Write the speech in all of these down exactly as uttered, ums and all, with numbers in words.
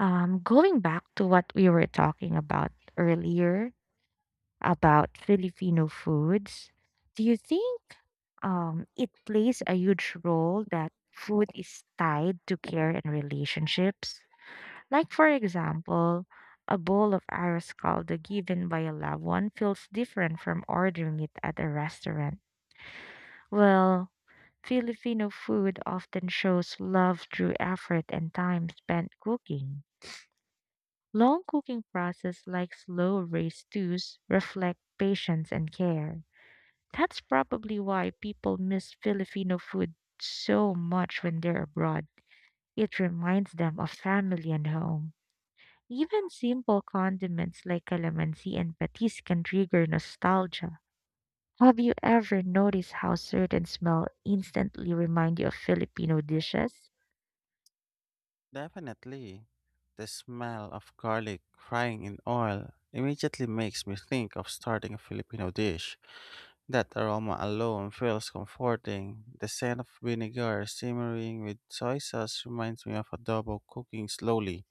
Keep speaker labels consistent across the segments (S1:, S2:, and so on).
S1: Um, going back to what we were talking about
S2: When I learn
S1: earlier about
S2: about this new
S1: Filipino
S2: phonics,
S1: foods,
S2: do
S1: do you think um, it plays a
S2: you think um, it plays
S1: huge
S2: a huge
S1: role
S2: role that
S1: that
S2: helps
S1: food is
S2: out to
S1: tied to care and
S2: create
S1: relationships?
S2: relationships?
S1: Like, for
S2: Like, for example, a
S1: example, a bowl of
S2: dog asks
S1: arroz caldo
S2: how
S1: given by a loved
S2: the
S1: one feels different from ordering it at a restaurant. Well, Filipino food often shows love through effort and time spent cooking. Long cooking process like slow raised stews reflect patience and care. That's probably why people miss Filipino food so much when they're abroad. It reminds them of family and home. Even simple condiments like calamansi and patis can trigger nostalgia. Have you ever noticed how certain smell instantly remind you of Filipino dishes?
S2: kitten might. Definitely. The smell of garlic frying in oil immediately makes me think of starting a Filipino dish. That aroma alone feels comforting. The scent of vinegar simmering with soy sauce reminds me of adobo cooking slowly.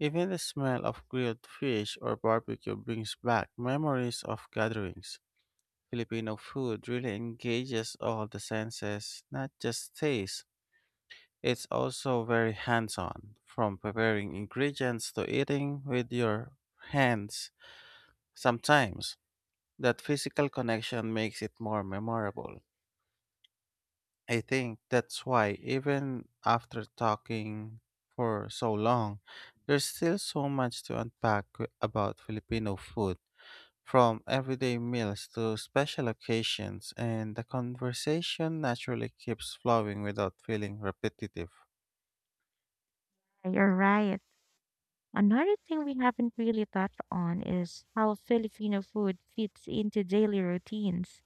S2: Even the smell of grilled fish or barbecue brings back memories of gatherings. Filipino food really engages all the senses, not just taste. It's also very hands on, from preparing ingredients to eating with your hands. Sometimes, that physical connection makes it more memorable. I think that's why, even after talking for so long, there's still so much to unpack about Filipino food, from everyday meals to special occasions, and the conversation naturally keeps flowing without feeling repetitive.
S1: You're right. Another thing we haven't really touched on is how Filipino food fits into daily routines,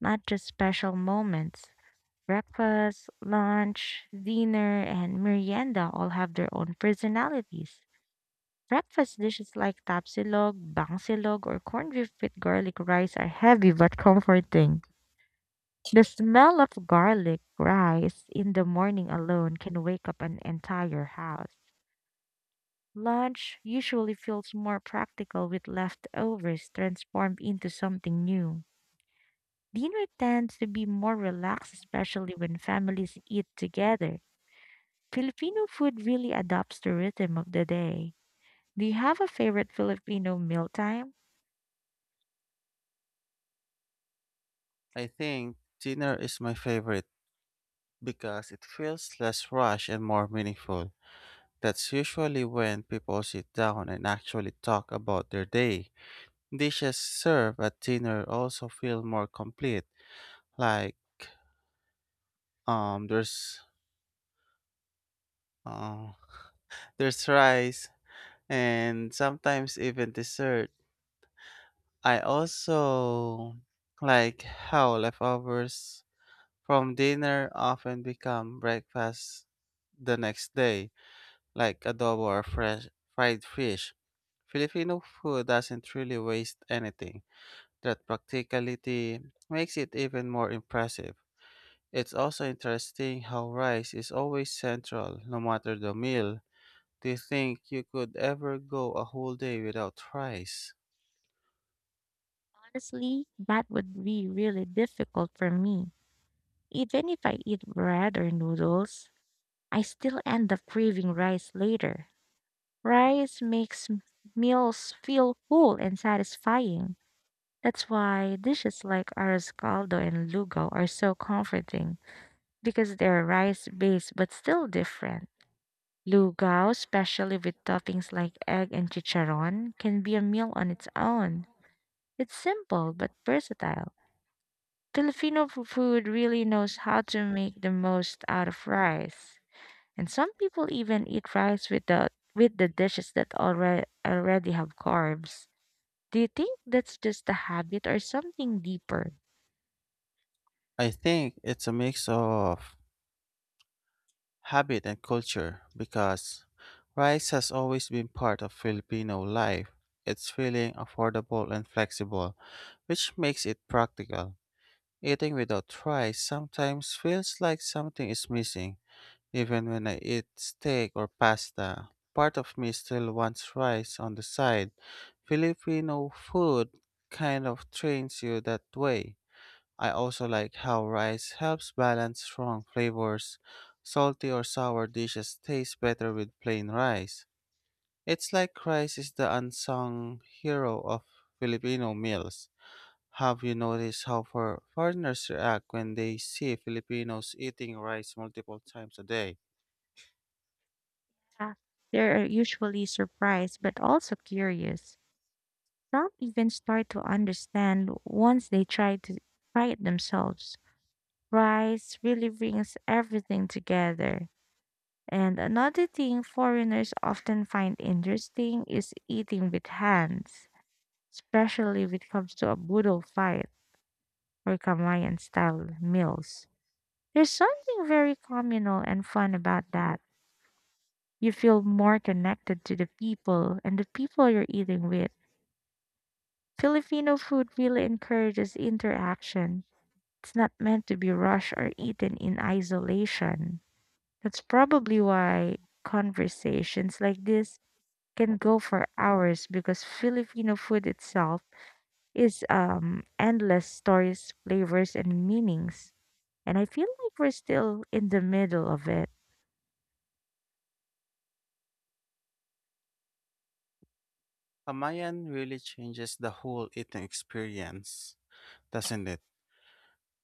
S1: not just special moments. Breakfast, lunch, dinner, and merienda all have their own personalities. Breakfast dishes like tapsilog, bangsilog, or corned beef with garlic rice are heavy but comforting. The smell of garlic rice in the morning alone can wake up an entire house. Lunch usually feels more practical with leftovers transformed into something new. Dinner tends to be more relaxed, especially when families eat together. Filipino food really adapts the rhythm of the day. Do you have a favorite Filipino mealtime?
S2: I think dinner is my favorite because it feels less rushed and more meaningful. That's usually when people sit down and actually talk about their day. Dishes served at dinner also feel more complete, like um, there's uh, there's rice and sometimes even dessert. I also like how leftovers from dinner often become breakfast the next day, like adobo or fresh fried fish. Filipino food doesn't really waste anything. That practicality makes it even more impressive. It's also interesting how rice is always central, no matter the meal. Do you think you could ever go a whole day without rice?
S1: Honestly, that would be really difficult for me. Even if I eat bread or noodles, I still end up craving rice later. Rice makes m- Meals feel full and satisfying. That's why dishes like arroz caldo and lugaw are so comforting because they're rice-based but still different. Lugaw, especially with toppings like egg and chicharron, can be a meal on its own. It's simple but versatile. Filipino f- food really knows how to make the most out of rice. And some people even eat rice with the with the dishes that already already have carbs. Do you think that's just a habit or something deeper?
S2: I think it's a mix of habit and culture because rice has always been part of Filipino life. It's filling, affordable, and flexible, which makes it practical. Eating without rice sometimes feels like something is missing. Even when I eat steak or pasta, part of me still wants rice on the side. Filipino food kind of trains you that way. I also like how rice helps balance strong flavors. Salty or sour dishes taste better with plain rice. It's like rice is the unsung hero of Filipino meals. Have you noticed how for foreigners react when they see Filipinos eating rice multiple times a day?
S1: Ah, They're usually surprised but also curious. Some even start to understand once they try to try it themselves. Rice really brings everything together. And another thing foreigners often find interesting is eating with hands, especially when it comes to a boodle fight or Kamayan style meals. There's something very communal and fun about that. You feel more connected to the people and the people you're eating with. Filipino food really encourages interaction. It's not meant to be rushed or eaten in isolation. That's probably why conversations like this can go for hours because Filipino food itself is um endless stories, flavors and meanings. And I feel like we're still in the middle of it.
S2: Kamayan really changes the whole eating experience, doesn't it?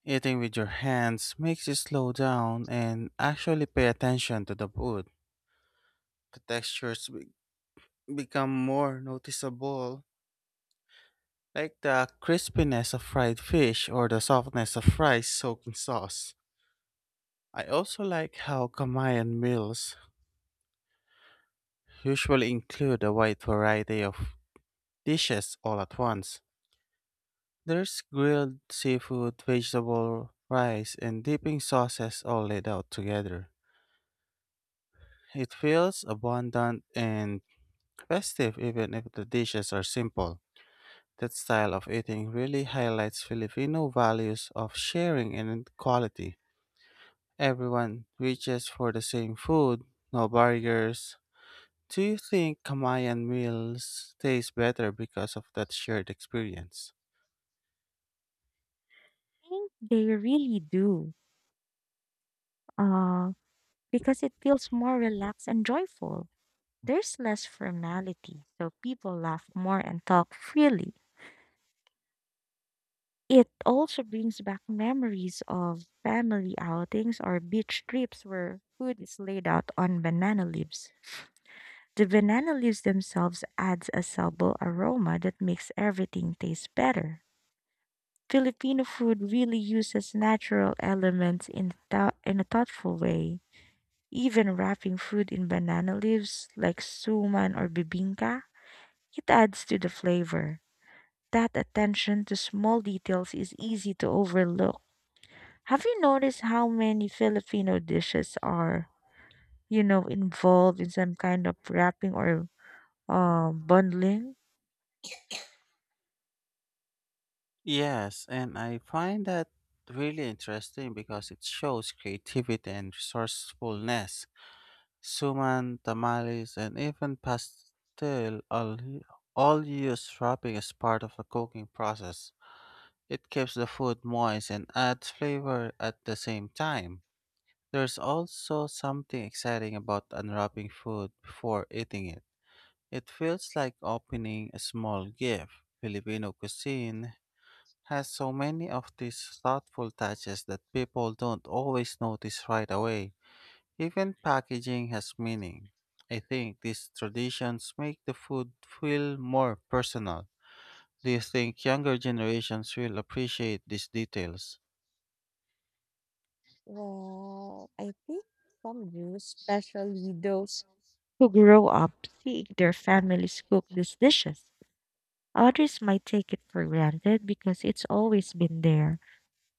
S2: Eating with your hands makes you slow down and actually pay attention to the food. The textures become more noticeable, like the crispiness of fried fish or the softness of rice soaked in sauce. I also like how Kamayan meals usually include a wide variety of dishes all at once. There's grilled seafood, vegetable, rice, and dipping sauces all laid out together. It feels abundant and festive even if the dishes are simple. That style of eating really highlights Filipino values of sharing and quality. Everyone reaches for the same food, no barriers. Do you think Kamayan meals taste better because of that shared experience?
S1: I think they really do. Uh because it feels more relaxed and joyful. There's less formality, so people laugh more and talk freely. It also brings back memories of family outings or beach trips where food is laid out on banana leaves. The banana leaves themselves adds a subtle aroma that makes everything taste better. Filipino food really uses natural elements in, thou- in a thoughtful way. Even wrapping food in banana leaves like suman or bibingka, it adds to the flavor. That attention to small details is easy to overlook. Have you noticed how many Filipino dishes are, you know, involved in some kind of wrapping or uh, bundling?
S2: Yes, and I find that really interesting because it shows creativity and resourcefulness. Suman, tamales, and even pastel all, all use wrapping as part of the cooking process. It keeps the food moist and adds flavor at the same time. There's also something exciting about unwrapping food before eating it. It feels like opening a small gift. Filipino cuisine has so many of these thoughtful touches that people don't always notice right away. Even packaging has meaning. I think these traditions make the food feel more personal. Do you think younger generations will appreciate these details?
S1: Well, I think some do, especially those who grow up seeing their families cook these dishes. Others might take it for granted because it's always been there.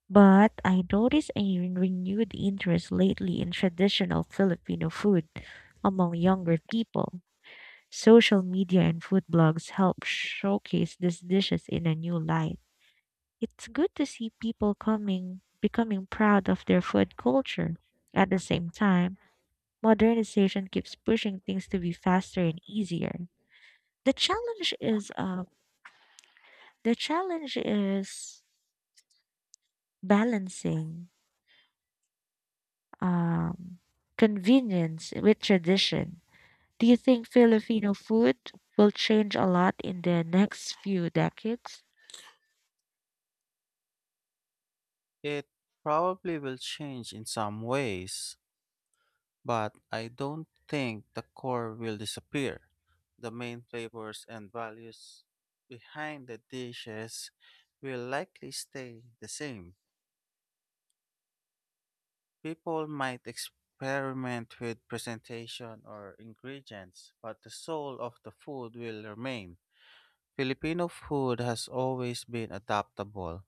S1: But I noticed a renewed interest lately in traditional Filipino food among younger people. Social media and food blogs help showcase these dishes in a new light. It's good to see people coming becoming proud of their food culture. At the same time, modernization keeps pushing things to be faster and easier. The challenge is uh, the challenge is balancing um, convenience with tradition. Do you think Filipino food will change a lot in the next few decades?
S2: It probably will change in some ways, but I don't think the core will disappear. The main flavors and values behind the dishes will likely stay the same. People might experiment with presentation or ingredients, but the soul of the food will remain. Filipino food has always been adaptable,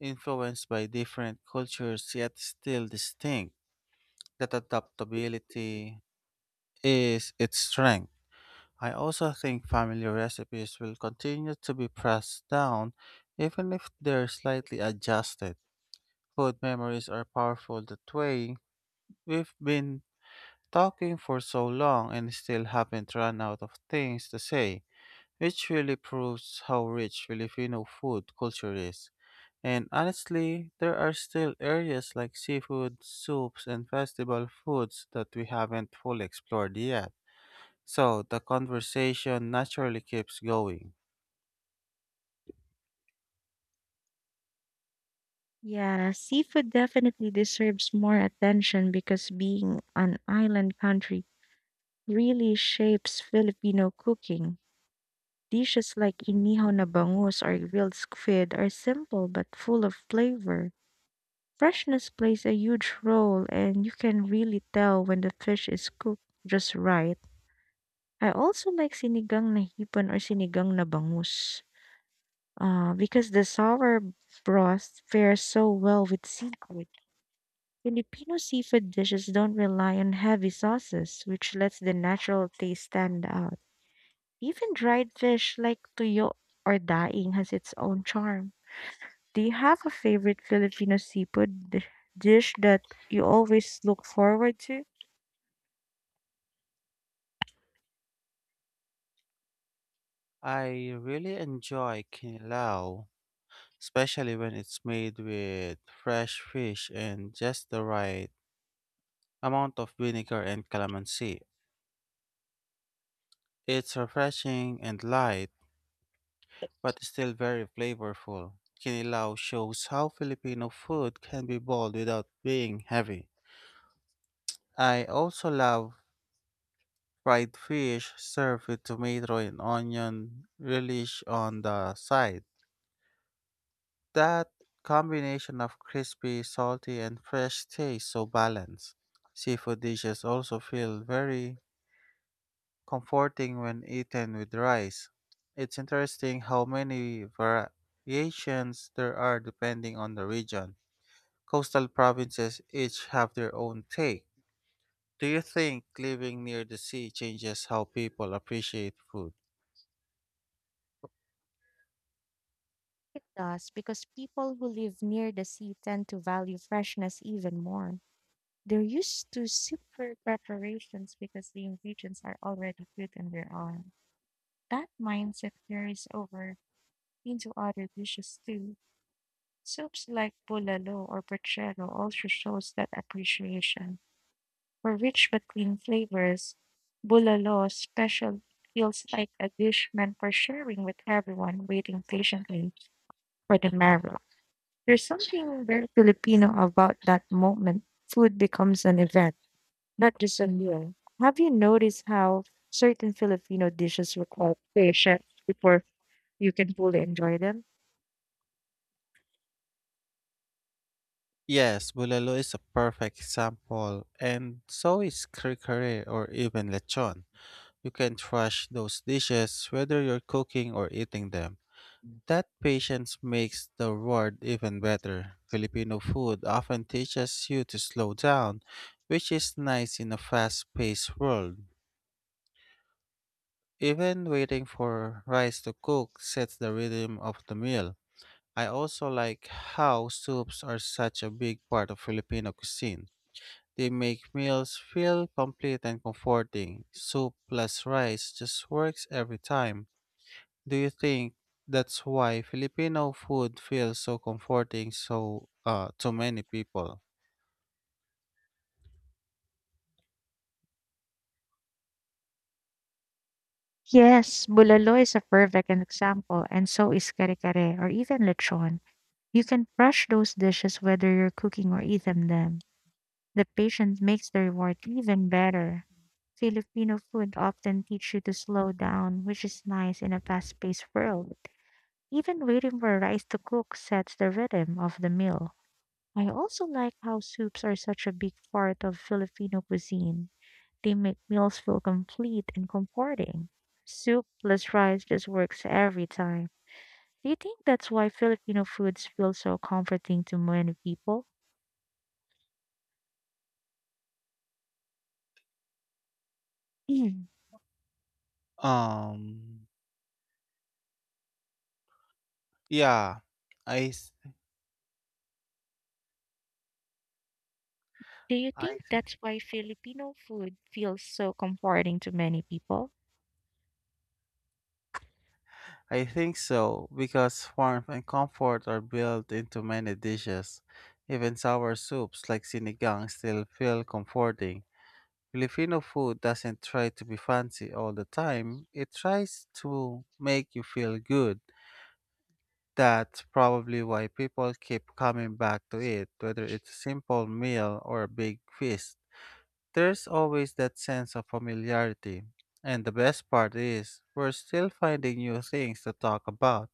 S2: influenced by different cultures yet still distinct. That adaptability is its strength. I also think family recipes will continue to be passed down even if they're slightly adjusted. Food memories are powerful that way. We've been talking for so long and still haven't run out of things to say. It really proves how rich Filipino food culture is. And honestly, there are still areas like seafood, soups, and festival foods that we haven't fully explored yet. So the conversation naturally keeps going.
S1: Yeah, seafood definitely deserves more attention because being an island country really shapes Filipino cooking. Dishes like inihaw na bangus or grilled squid are simple but full of flavor. Freshness plays a huge role, and you can really tell when the fish is cooked just right. I also like sinigang na hipon or sinigang na bangus, uh, because the sour broth fares so well with seafood. Filipino seafood dishes don't rely on heavy sauces, which lets the natural taste stand out. Even dried fish like tuyo or daing has its own charm. Do you have a favorite Filipino seafood di- dish that you always look forward to?
S2: I really enjoy kinilaw, especially when it's made with fresh fish and just the right amount of vinegar and calamansi. It's refreshing and light but still very flavorful. Kinilaw shows how Filipino food can be bold without being heavy. I also love fried fish served with tomato and onion relish on the side. That combination of crispy, salty, and fresh taste so balanced. Seafood dishes also feel very comforting when eaten with rice. It's interesting how many variations there are depending on the region. Coastal provinces each have their own take. Do you think living near the sea changes how people appreciate food?
S1: It does, because people who live near the sea tend to value freshness even more. They're used to simpler preparations because the ingredients are already good on their own. That mindset carries over into other dishes too. Soups like bulalo or puchero also shows that appreciation. For rich but clean flavors, bulalo special feels like a dish meant for sharing with everyone waiting patiently for the marrow. There's something very Filipino about that moment. Food becomes an event, not just a meal. Have you noticed how certain Filipino dishes require patience before you can fully enjoy them?
S2: Yes, Bulalo is a perfect example, and so is Krikare or even lechon. You can trash those dishes whether you're cooking or eating them. That patience makes the reward even better. Filipino food often teaches you to slow down, which is nice in a fast paced world. Even waiting for rice to cook sets the rhythm of the meal. I also like how soups are such a big part of Filipino cuisine. They make meals feel complete and comforting. Soup plus rice just works every time. Do you think that's why Filipino food feels so comforting so uh to many people?
S1: Yes, bulalo is a perfect example, and so is kare kare or even lechon. You can crush those dishes whether you're cooking or eating them. The patience makes the reward even better. Filipino food often teach you to slow down, which is nice in a fast-paced world. Even waiting for rice to cook sets the rhythm of the meal. I also like how soups are such a big part of Filipino cuisine. They make meals feel complete and comforting. Soup plus rice just works every time. Do you think that's why Filipino foods feel so comforting to many people? Mm.
S2: Um yeah, I th-
S1: Do you
S2: I
S1: think that's why Filipino food feels so comforting to many people?
S2: I think so, because warmth and comfort are built into many dishes. Even sour soups like sinigang still feel comforting. Filipino food doesn't try to be fancy all the time, it tries to make you feel good. That's probably why people keep coming back to it, whether it's a simple meal or a big feast. There's always that sense of familiarity. And the best part is, we're still finding new things to talk about,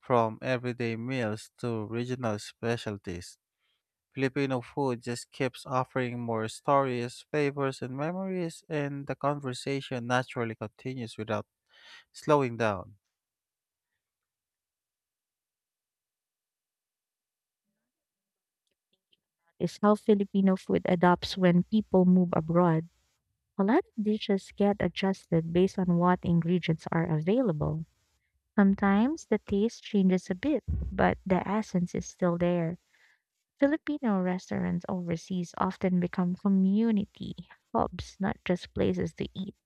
S2: from everyday meals to regional specialties. Filipino food just keeps offering more stories, flavors, and memories, and the conversation naturally continues without slowing down.
S1: Is how Filipino food adapts when people move abroad. A lot of dishes get adjusted based on what ingredients are available. Sometimes the taste changes a bit, but the essence is still there. Filipino restaurants overseas often become community hubs, not just places to eat.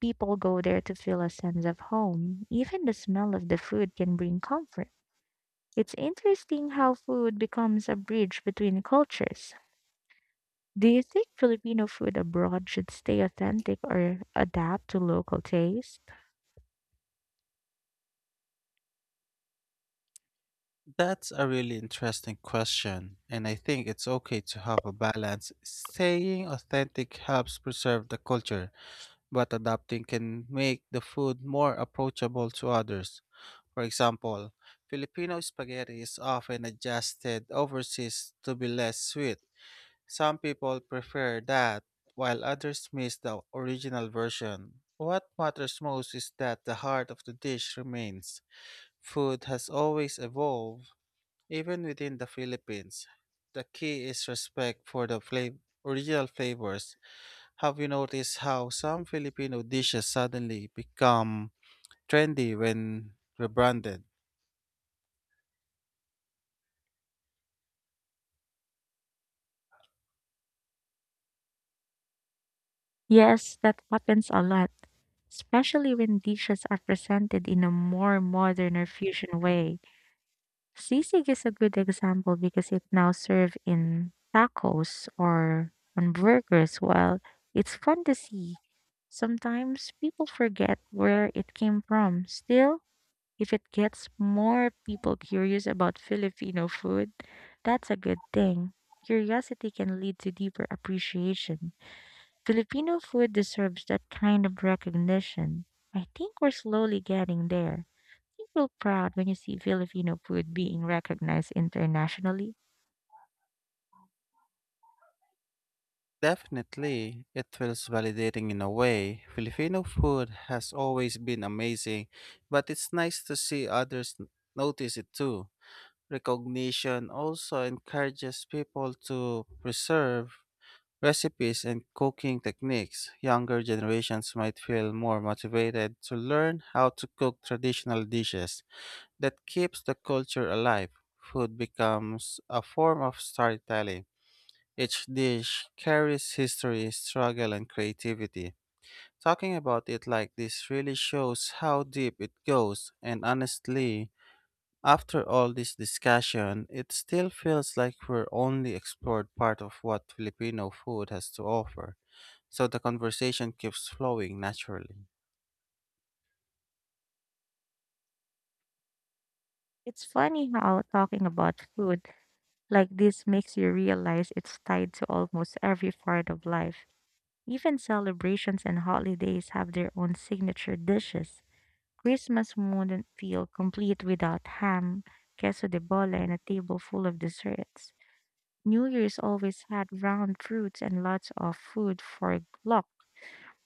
S1: People go there to feel a sense of home. Even the smell of the food can bring comfort. It's interesting how food becomes a bridge between cultures. Do you think Filipino food abroad should stay authentic or adapt to local taste?
S2: That's a really interesting question, and I think it's okay to have a balance. Staying authentic helps preserve the culture, but adapting can make the food more approachable to others. For example, Filipino spaghetti is often adjusted overseas to be less sweet. Some people prefer that, while others miss the original version. What matters most is that the heart of the dish remains. Food has always evolved, even within the Philippines. The key is respect for the flav- original flavors. Have you noticed how some Filipino dishes suddenly become trendy when rebranded?
S1: Yes, that happens a lot, especially when dishes are presented in a more modern or fusion way. Sisig is a good example because it now served in tacos or on burgers. Well, it's fun to see. Sometimes people forget where it came from. Still, if it gets more people curious about Filipino food, that's a good thing. Curiosity can lead to deeper appreciation. Filipino food deserves that kind of recognition. I think we're slowly getting there. You feel proud when you see Filipino food being recognized internationally.
S2: Definitely, it feels validating in a way. Filipino food has always been amazing, but it's nice to see others n- notice it too. Recognition also encourages people to preserve recipes and cooking techniques. Younger generations might feel more motivated to learn how to cook traditional dishes. That keeps the culture alive. Food becomes a form of storytelling. Each dish carries history, struggle, and creativity. Talking about it like this really shows how deep it goes, and honestly, after all this discussion, it still feels like we're only explored part of what Filipino food has to offer. So the conversation keeps flowing naturally.
S1: It's funny how talking about food like this makes you realize it's tied to almost every part of life. Even celebrations and holidays have their own signature dishes. Christmas wouldn't feel complete without ham, queso de bola, and a table full of desserts. New Year's always had round fruits and lots of food for luck.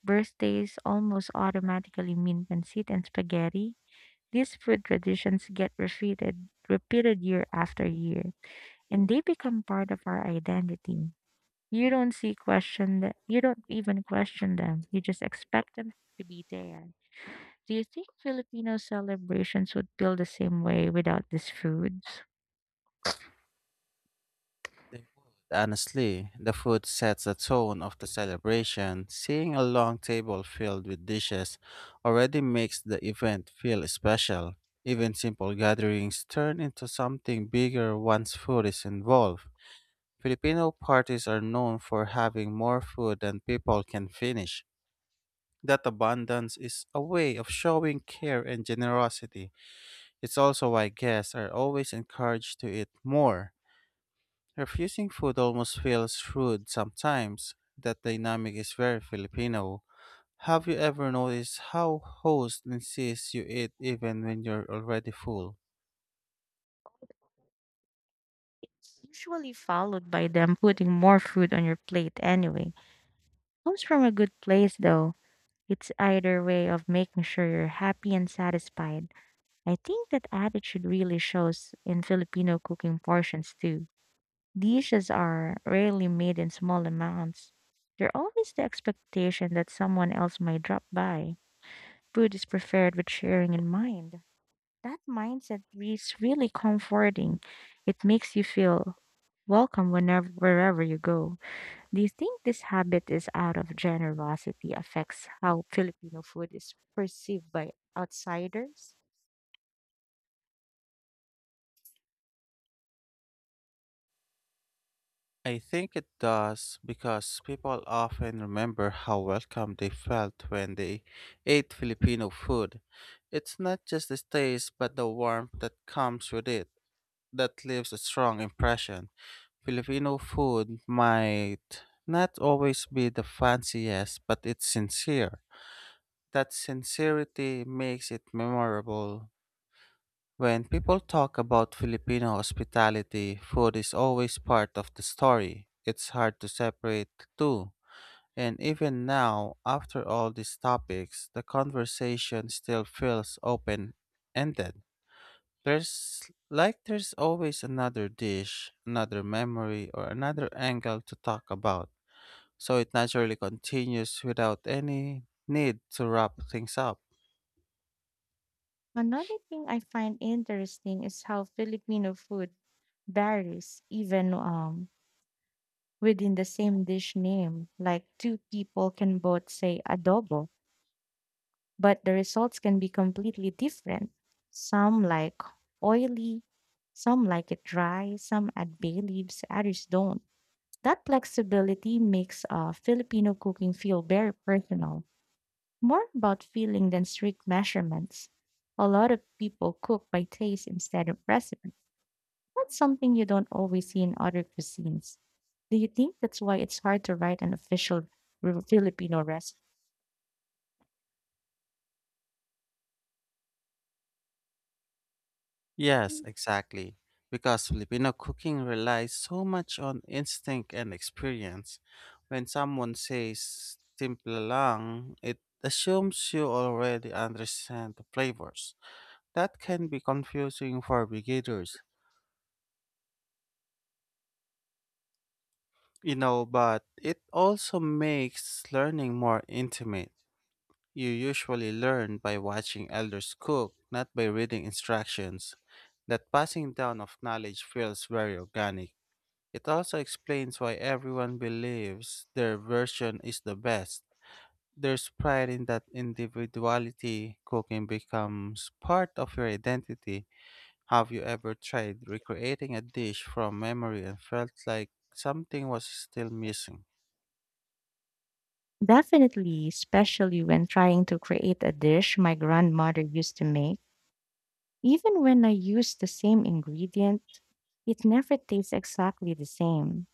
S1: Birthdays almost automatically mean pancit and spaghetti. These food traditions get repeated, repeated year after year, and they become part of our identity. You don't see question that you don't even question them. You just expect them to be there. Do you think Filipino celebrations would feel the same way without these foods?
S2: They would. Honestly, the food sets the tone of the celebration. Seeing a long table filled with dishes already makes the event feel special. Even simple gatherings turn into something bigger once food is involved. Filipino parties are known for having more food than people can finish. That abundance is a way of showing care and generosity. It's also why guests are always encouraged to eat more. Refusing food almost feels rude sometimes. That dynamic is very Filipino. Have you ever noticed how host insists you eat even when you're already full?
S1: Usually followed by them putting more food on your plate anyway. Comes from a good place though. It's either way of making sure you're happy and satisfied. I think that attitude really shows in Filipino cooking portions too. Dishes are rarely made in small amounts. There's always the expectation that someone else might drop by. Food is prepared with sharing in mind. That mindset is really comforting. It makes you feel welcome whenever wherever you go. Do you think this habit is out of generosity affects how Filipino food is perceived by outsiders?
S2: I think it does because people often remember how welcome they felt when they ate Filipino food. It's not just the taste but the warmth that comes with it. That leaves a strong impression. Filipino food might not always be the fanciest, but it's sincere. That sincerity makes it memorable. When people talk about Filipino hospitality, food is always part of the story. It's hard to separate the two. And even now, after all these topics, the conversation still feels open ended. There's like there's always another dish, another memory, or another angle to talk about. So it naturally continues without any need to wrap things up.
S1: Another thing I find interesting is how Filipino food varies even um within the same dish name. Like two people can both say adobo, but the results can be completely different. Some like oily, some like it dry, some add bay leaves, others don't. That flexibility makes uh, Filipino cooking feel very personal, more about feeling than strict measurements. A lot of people cook by taste instead of recipes. That's something you don't always see in other cuisines. Do you think that's why it's hard to write an official re- Filipino recipe?
S2: Yes, exactly. Because Filipino cooking relies so much on instinct and experience. When someone says "timpla lang," it assumes you already understand the flavors. That can be confusing for beginners, you know, but it also makes learning more intimate. You usually learn by watching elders cook, not by reading instructions. That passing down of knowledge feels very organic. It also explains why everyone believes their version is the best. There's pride in that individuality. Cooking becomes part of your identity. Have you ever tried recreating a dish from memory and felt like something was still missing?
S1: Definitely, especially when trying to create a dish my grandmother used to make. Even when I use the same ingredient, it never tastes exactly the same.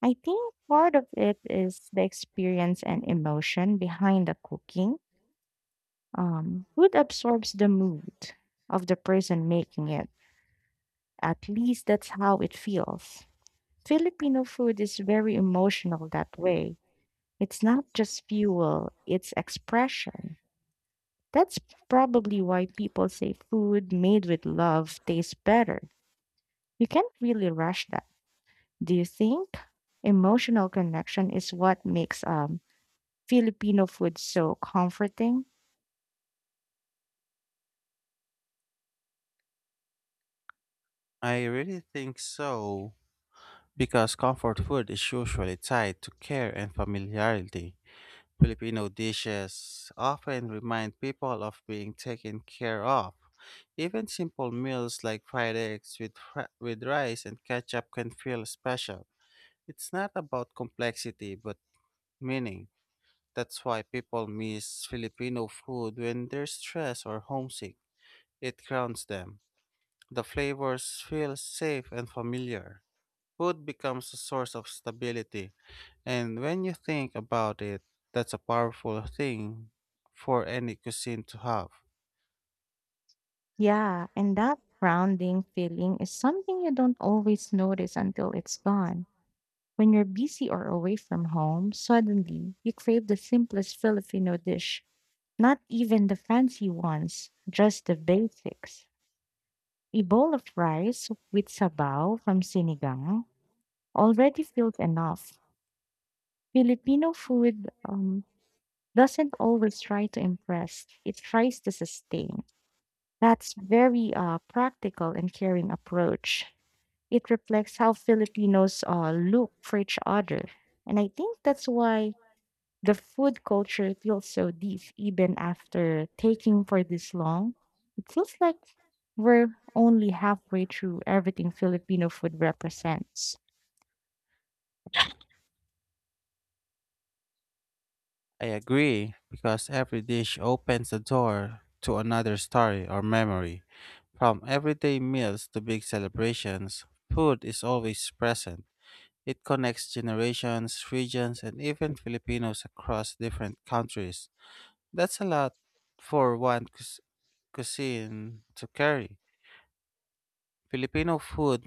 S1: I think part of it is the experience and emotion behind the cooking. Um, food absorbs the mood of the person making it. At least that's how it feels. Filipino food is very emotional that way. It's not just fuel, it's expression. That's probably why people say food made with love tastes better. You can't really rush that. Do you think emotional connection is what makes um Filipino food so comforting?
S2: I really think so, because comfort food is usually tied to care and familiarity. Filipino dishes often remind people of being taken care of. Even simple meals like fried eggs with, fri- with rice and ketchup can feel special. It's not about complexity, but meaning. That's why people miss Filipino food when they're stressed or homesick. It grounds them. The flavors feel safe and familiar. Food becomes a source of stability, and when you think about it, that's a powerful thing for any cuisine to have.
S1: Yeah, and that grounding feeling is something you don't always notice until it's gone. When you're busy or away from home, suddenly you crave the simplest Filipino dish. Not even the fancy ones, just the basics. A bowl of rice with sabaw from sinigang already feels enough. Filipino food um, doesn't always try to impress, it tries to sustain. That's very uh, practical and caring approach. It reflects how Filipinos uh, look for each other. And I think that's why the food culture feels so deep, even after taking for this long. It feels like we're only halfway through everything Filipino food represents.
S2: I agree, because every dish opens the door to another story or memory. From everyday meals to big celebrations, food is always present. It connects generations, regions, and even Filipinos across different countries. That's a lot for one cus- cuisine to carry. Filipino food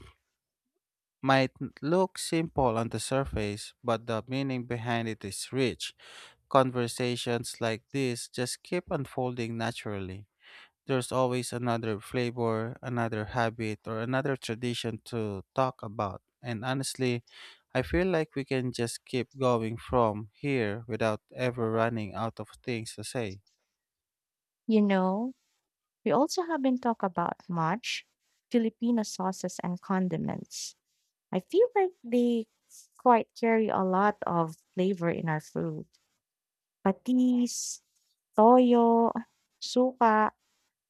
S2: might n- look simple on the surface, but the meaning behind it is rich. Conversations like this just keep unfolding naturally. There's always another flavor, another habit, or another tradition to talk about. And honestly, I feel like we can just keep going from here without ever running out of things to say.
S1: You know, we also haven't talked about much Filipino sauces and condiments. I feel like they quite carry a lot of flavor in our food. Patis, toyo, suka,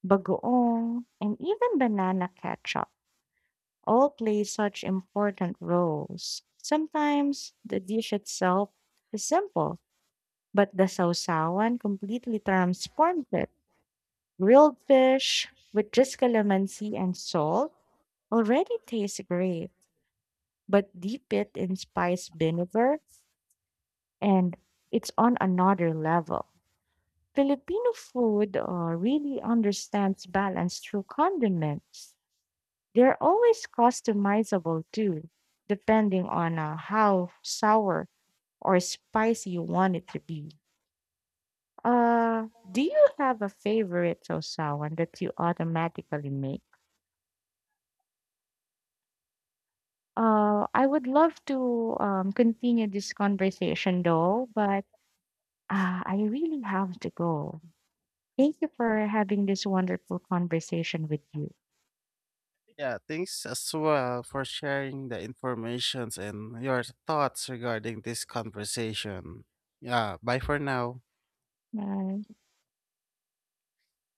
S1: bagoong, and even banana ketchup all play such important roles. Sometimes the dish itself is simple, but the sausawan completely transforms it. Grilled fish with just calamansi and salt already tastes great, but dip it in spiced vinegar and it's on another level. Filipino food uh, really understands balance through condiments. They're always customizable too, depending on uh, how sour or spicy you want it to be. Uh, do you have a favorite sosawan that you automatically make? Uh, I would love to um, continue this conversation though, but uh, I really have to go. Thank you for having this wonderful conversation with you.
S2: Yeah, thanks as well for sharing the informations and your thoughts regarding this conversation. Yeah, bye for now.
S1: Bye.